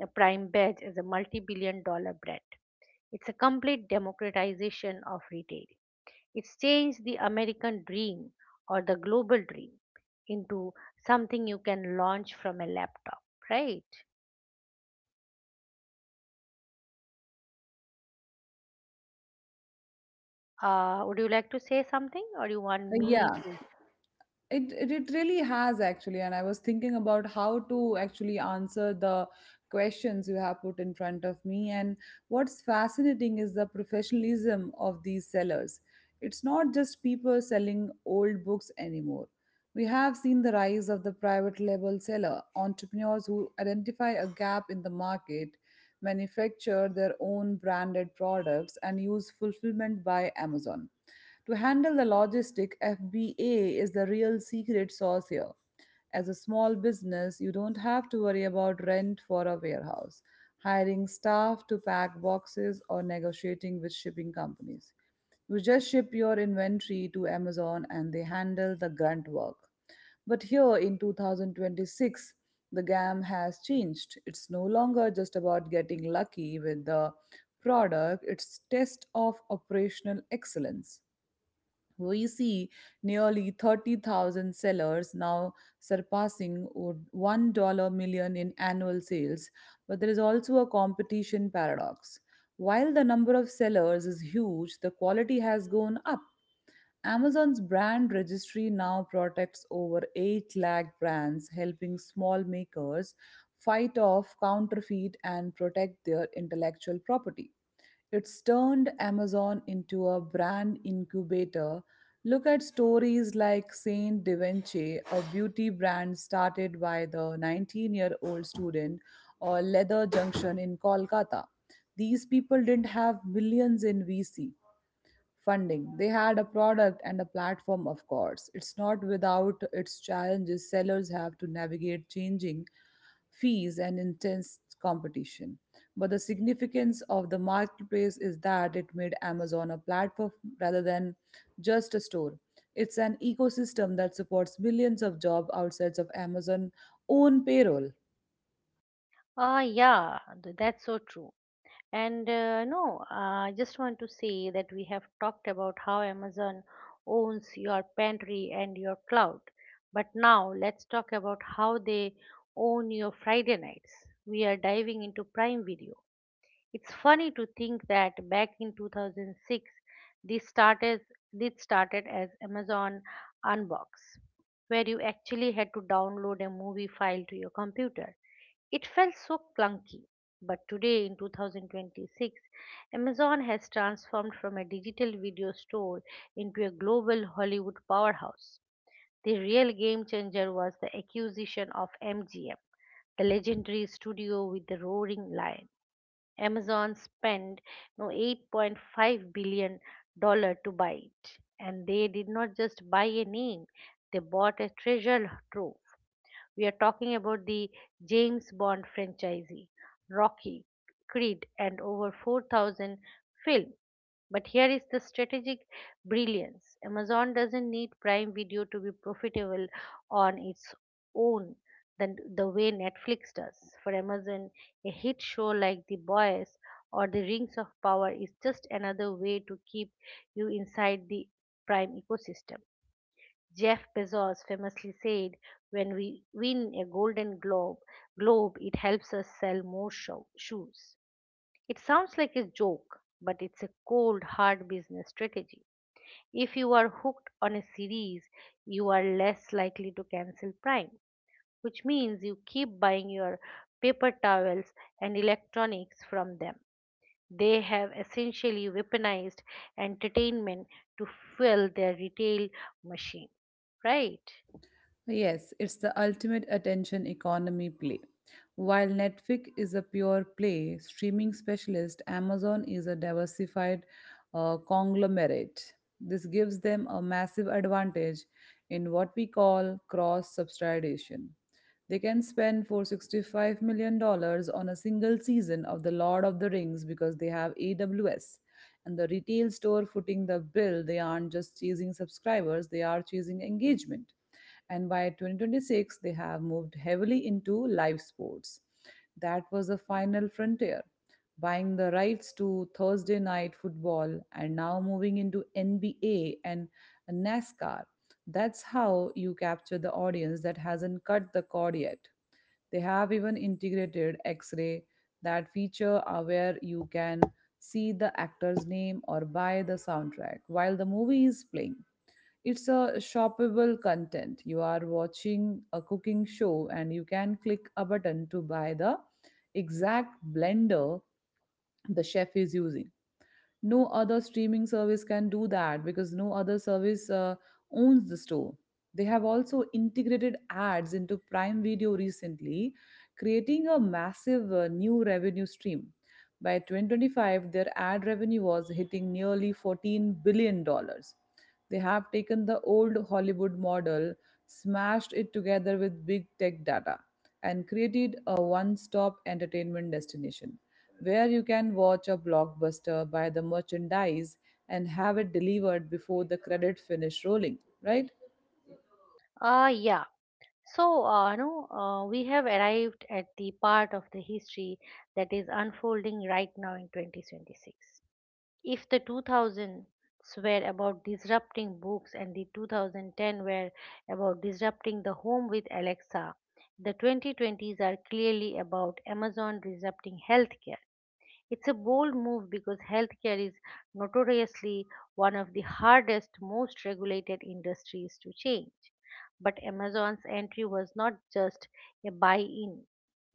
[SPEAKER 1] prime badge as a multi billion dollar brand. It's a complete democratization of retail. It's changed the American dream or the global dream into something you can launch from a laptop, right? Would you like to say something or you want me
[SPEAKER 2] Yeah.
[SPEAKER 1] to?
[SPEAKER 2] It really has actually, and I was thinking about how to actually answer the questions you have put in front of me. And what's fascinating is the professionalism of these sellers. It's not just people selling old books anymore. We have seen the rise of the private label seller, entrepreneurs who identify a gap in the market, manufacture their own branded products, and use fulfillment by Amazon. To handle the logistic, FBA is the real secret sauce here. As a small business, you don't have to worry about rent for a warehouse, hiring staff to pack boxes, or negotiating with shipping companies. You just ship your inventory to Amazon and they handle the grunt work. But here in 2026, the game has changed. It's no longer just about getting lucky with the product, it's test of operational excellence. We see nearly 30,000 sellers now surpassing $1 million in annual sales, but there is also a competition paradox. While the number of sellers is huge, the quality has gone up. Amazon's brand registry now protects over 8 lakh brands, helping small makers fight off counterfeit and protect their intellectual property. It's turned Amazon into a brand incubator. Look at stories like Saint Da Vinci, a beauty brand started by the 19-year-old student, or Leather Junction in Kolkata. These people didn't have millions in VC, funding. They had a product and a platform, of course. It's not without its challenges. Sellers have to navigate changing fees and intense competition. But the significance of the marketplace is that it made Amazon a platform rather than just a store. It's an ecosystem that supports millions of jobs outside of Amazon's own payroll.
[SPEAKER 1] Yeah, that's so true. And no, I just want to say that we have talked about how Amazon owns your pantry and your cloud. But now let's talk about how they own your Friday nights. We are diving into Prime Video. It's funny to think that back in 2006, this started this started as Amazon Unbox, where you actually had to download a movie file to your computer. It felt so clunky. But today in 2026, Amazon has transformed from a digital video store into a global Hollywood powerhouse. The real game changer was the acquisition of MGM, the legendary studio with the roaring lion. Amazon spent no $8.5 billion to buy it, and they did not just buy a name, they bought a treasure trove. We are talking about the James Bond franchise, Rocky, Creed, and over 4,000 films. But here is the strategic brilliance. Amazon doesn't need Prime Video to be profitable on its own than the way Netflix does. For Amazon, a hit show like The Boys or The Rings of Power is just another way to keep you inside the Prime ecosystem. Jeff Bezos famously said, "When we win a Golden Globe, it helps us sell more shoes." It sounds like a joke, but it's a cold, hard business strategy. If you are hooked on a series, you are less likely to cancel Prime, which means you keep buying your paper towels and electronics from them. They have essentially weaponized entertainment to fuel their retail machine, right?
[SPEAKER 2] Yes, it's the ultimate attention economy play. While Netflix is a pure play streaming specialist, Amazon is a diversified conglomerate. This gives them a massive advantage in what we call cross subsidization. They can spend $465 million dollars on a single season of The Lord of the Rings because they have AWS. And the retail store footing the bill, they aren't just chasing subscribers, they are chasing engagement. And by 2026 they have moved heavily into live sports. That was the final frontier, buying the rights to Thursday night football and now moving into NBA and NASCAR. That's how you capture the audience that hasn't cut the cord yet. They have even integrated X-ray, that feature where you can see the actor's name or buy the soundtrack while the movie is playing. It's a shoppable content. You are watching a cooking show and you can click a button to buy the exact blender the chef is using. No other streaming service can do that because no other service owns the store. They have also integrated ads into Prime Video recently, creating a massive new revenue stream. By 2025 their ad revenue was hitting nearly 14 billion dollars. They have taken the old Hollywood model, smashed it together with big tech data, and created a one stop entertainment destination where you can watch a blockbuster, buy the merchandise, and have it delivered before the credit finish rolling, right?
[SPEAKER 1] Yeah. So, no, we have arrived at the part of the history that is unfolding right now in 2026. If the 2000s were about disrupting books and the 2010 were about disrupting the home with Alexa, the 2020s are clearly about Amazon disrupting healthcare. It's a bold move because healthcare is notoriously one of the hardest, most regulated industries to change. But Amazon's entry was not just a buy in,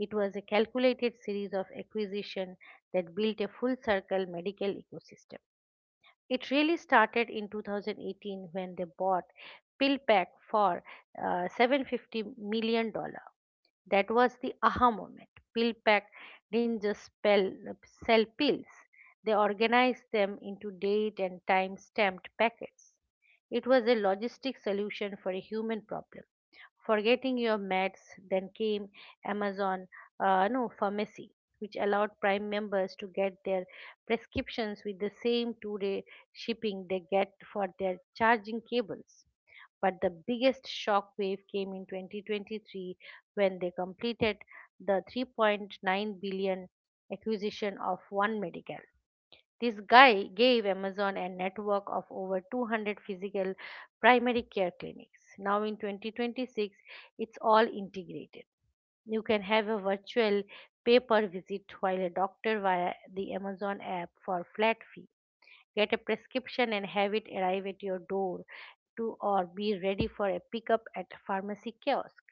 [SPEAKER 1] it was a calculated series of acquisition that built a full circle medical ecosystem. It really started in 2018 when they bought PillPack for $750 million. That was the aha moment. PillPack didn't just sell pills. They organized them into date and time stamped packets. It was a logistic solution for a human problem. Forgetting your meds, then came Amazon no, Pharmacy, which allowed Prime members to get their prescriptions with the same 2-day shipping they get for their charging cables. But the biggest shock wave came in 2023 when they completed the 3.9 billion acquisition of One Medical. This guy gave Amazon a network of over 200 physical primary care clinics. Now in 2026, it's all integrated. You can have a virtual pay per visit while a doctor via the Amazon app for flat fee. Get a prescription and have it arrive at your door to or be ready for a pickup at pharmacy kiosk.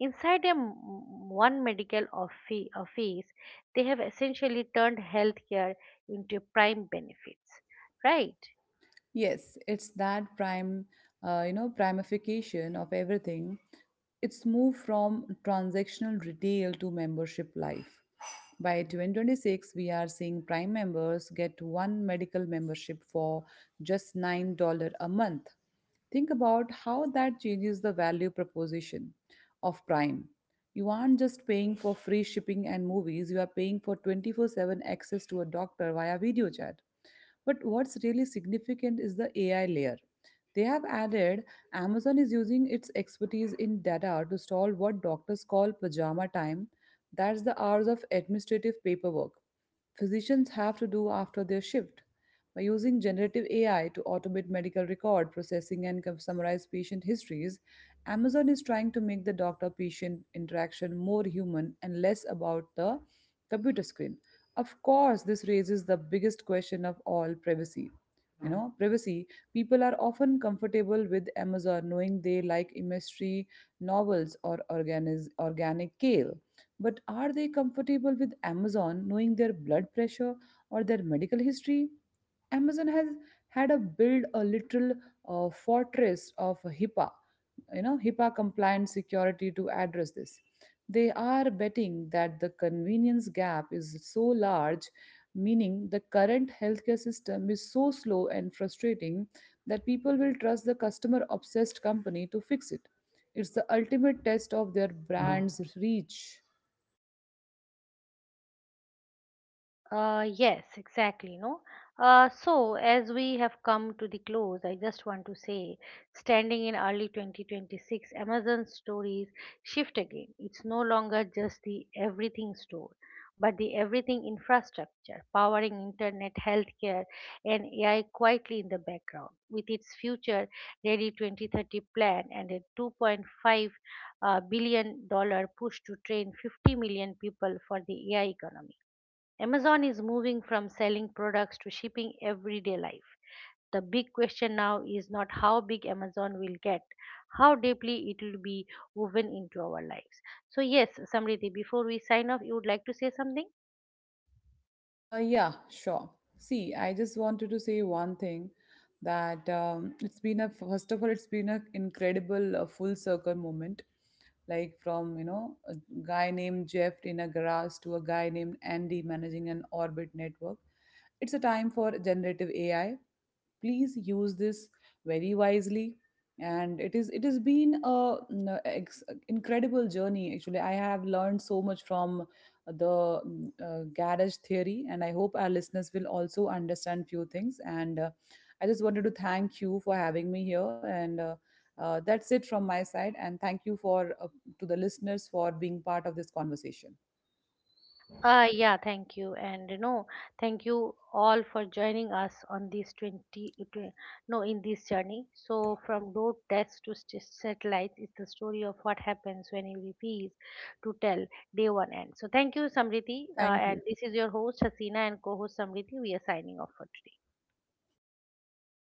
[SPEAKER 1] Inside one medical office, they have essentially turned healthcare into a prime benefits, right?
[SPEAKER 2] Yes, it's that prime, primification of everything. It's moved from transactional retail to membership life. By 2026, we are seeing prime members get one medical membership for just $9 a month. Think about how that changes the value proposition of Prime. You aren't just paying for free shipping and movies, you are paying for 24/7 access to a doctor via video chat. But what's really significant is the AI layer. They have added Amazon is using its expertise in data to solve what doctors call pajama time. That's the hours of administrative paperwork physicians have to do after their shift. By using generative AI to automate medical record processing and summarize patient histories, Amazon is trying to make the doctor patient interaction more human and less about the computer screen. Of course, this raises the biggest question of all privacy. You know, privacy. People are often comfortable with Amazon knowing they like mystery novels or organic kale. But are they comfortable with Amazon knowing their blood pressure or their medical history? Amazon has had a build a little fortress of HIPAA, you know, HIPAA compliant security to address this. They are betting that the convenience gap is so large, meaning the current healthcare system is so slow and frustrating that people will trust the customer obsessed company to fix it. It's the ultimate test of their brand's reach.
[SPEAKER 1] Yes, exactly. No. So as we have come to the close, I just want to say, standing in early 2026, Amazon stories shift again. It's no longer just the everything store, but the everything infrastructure, powering internet, healthcare, and AI quietly in the background. With its future ready 2030 plan and a 2.5 billion dollar push to train 50 million people for the AI economy, Amazon is moving from selling products to shipping everyday life. The big question now is not how big Amazon will get, how deeply it will be woven into our lives. So, yes, Samriti, before we sign off, you would like to say something?
[SPEAKER 2] Yeah, sure. See, I just wanted to say one thing that it's been a first of all, it's been an incredible full circle moment like from you know a guy named Jeff in a garage to a guy named Andy managing an orbit network. It's a time for generative AI, please use this very wisely. And it has been a incredible journey actually. I have learned so much from the garage theory and I hope our listeners will also understand few things, and I just wanted to thank you for having me here, and that's it from my side, and thank you for to the listeners for being part of this conversation.
[SPEAKER 1] Yeah, thank you. And thank you all for joining us on this 20, uh, twen- no, in this journey. So, from road tests to satellites is the story of what happens when you refuse to tell day one end. So, thank you, Samriti. Uh,
[SPEAKER 2] Thank
[SPEAKER 1] and
[SPEAKER 2] you.
[SPEAKER 1] this is your host, Hasina, and co host Samriti. We are signing off for today.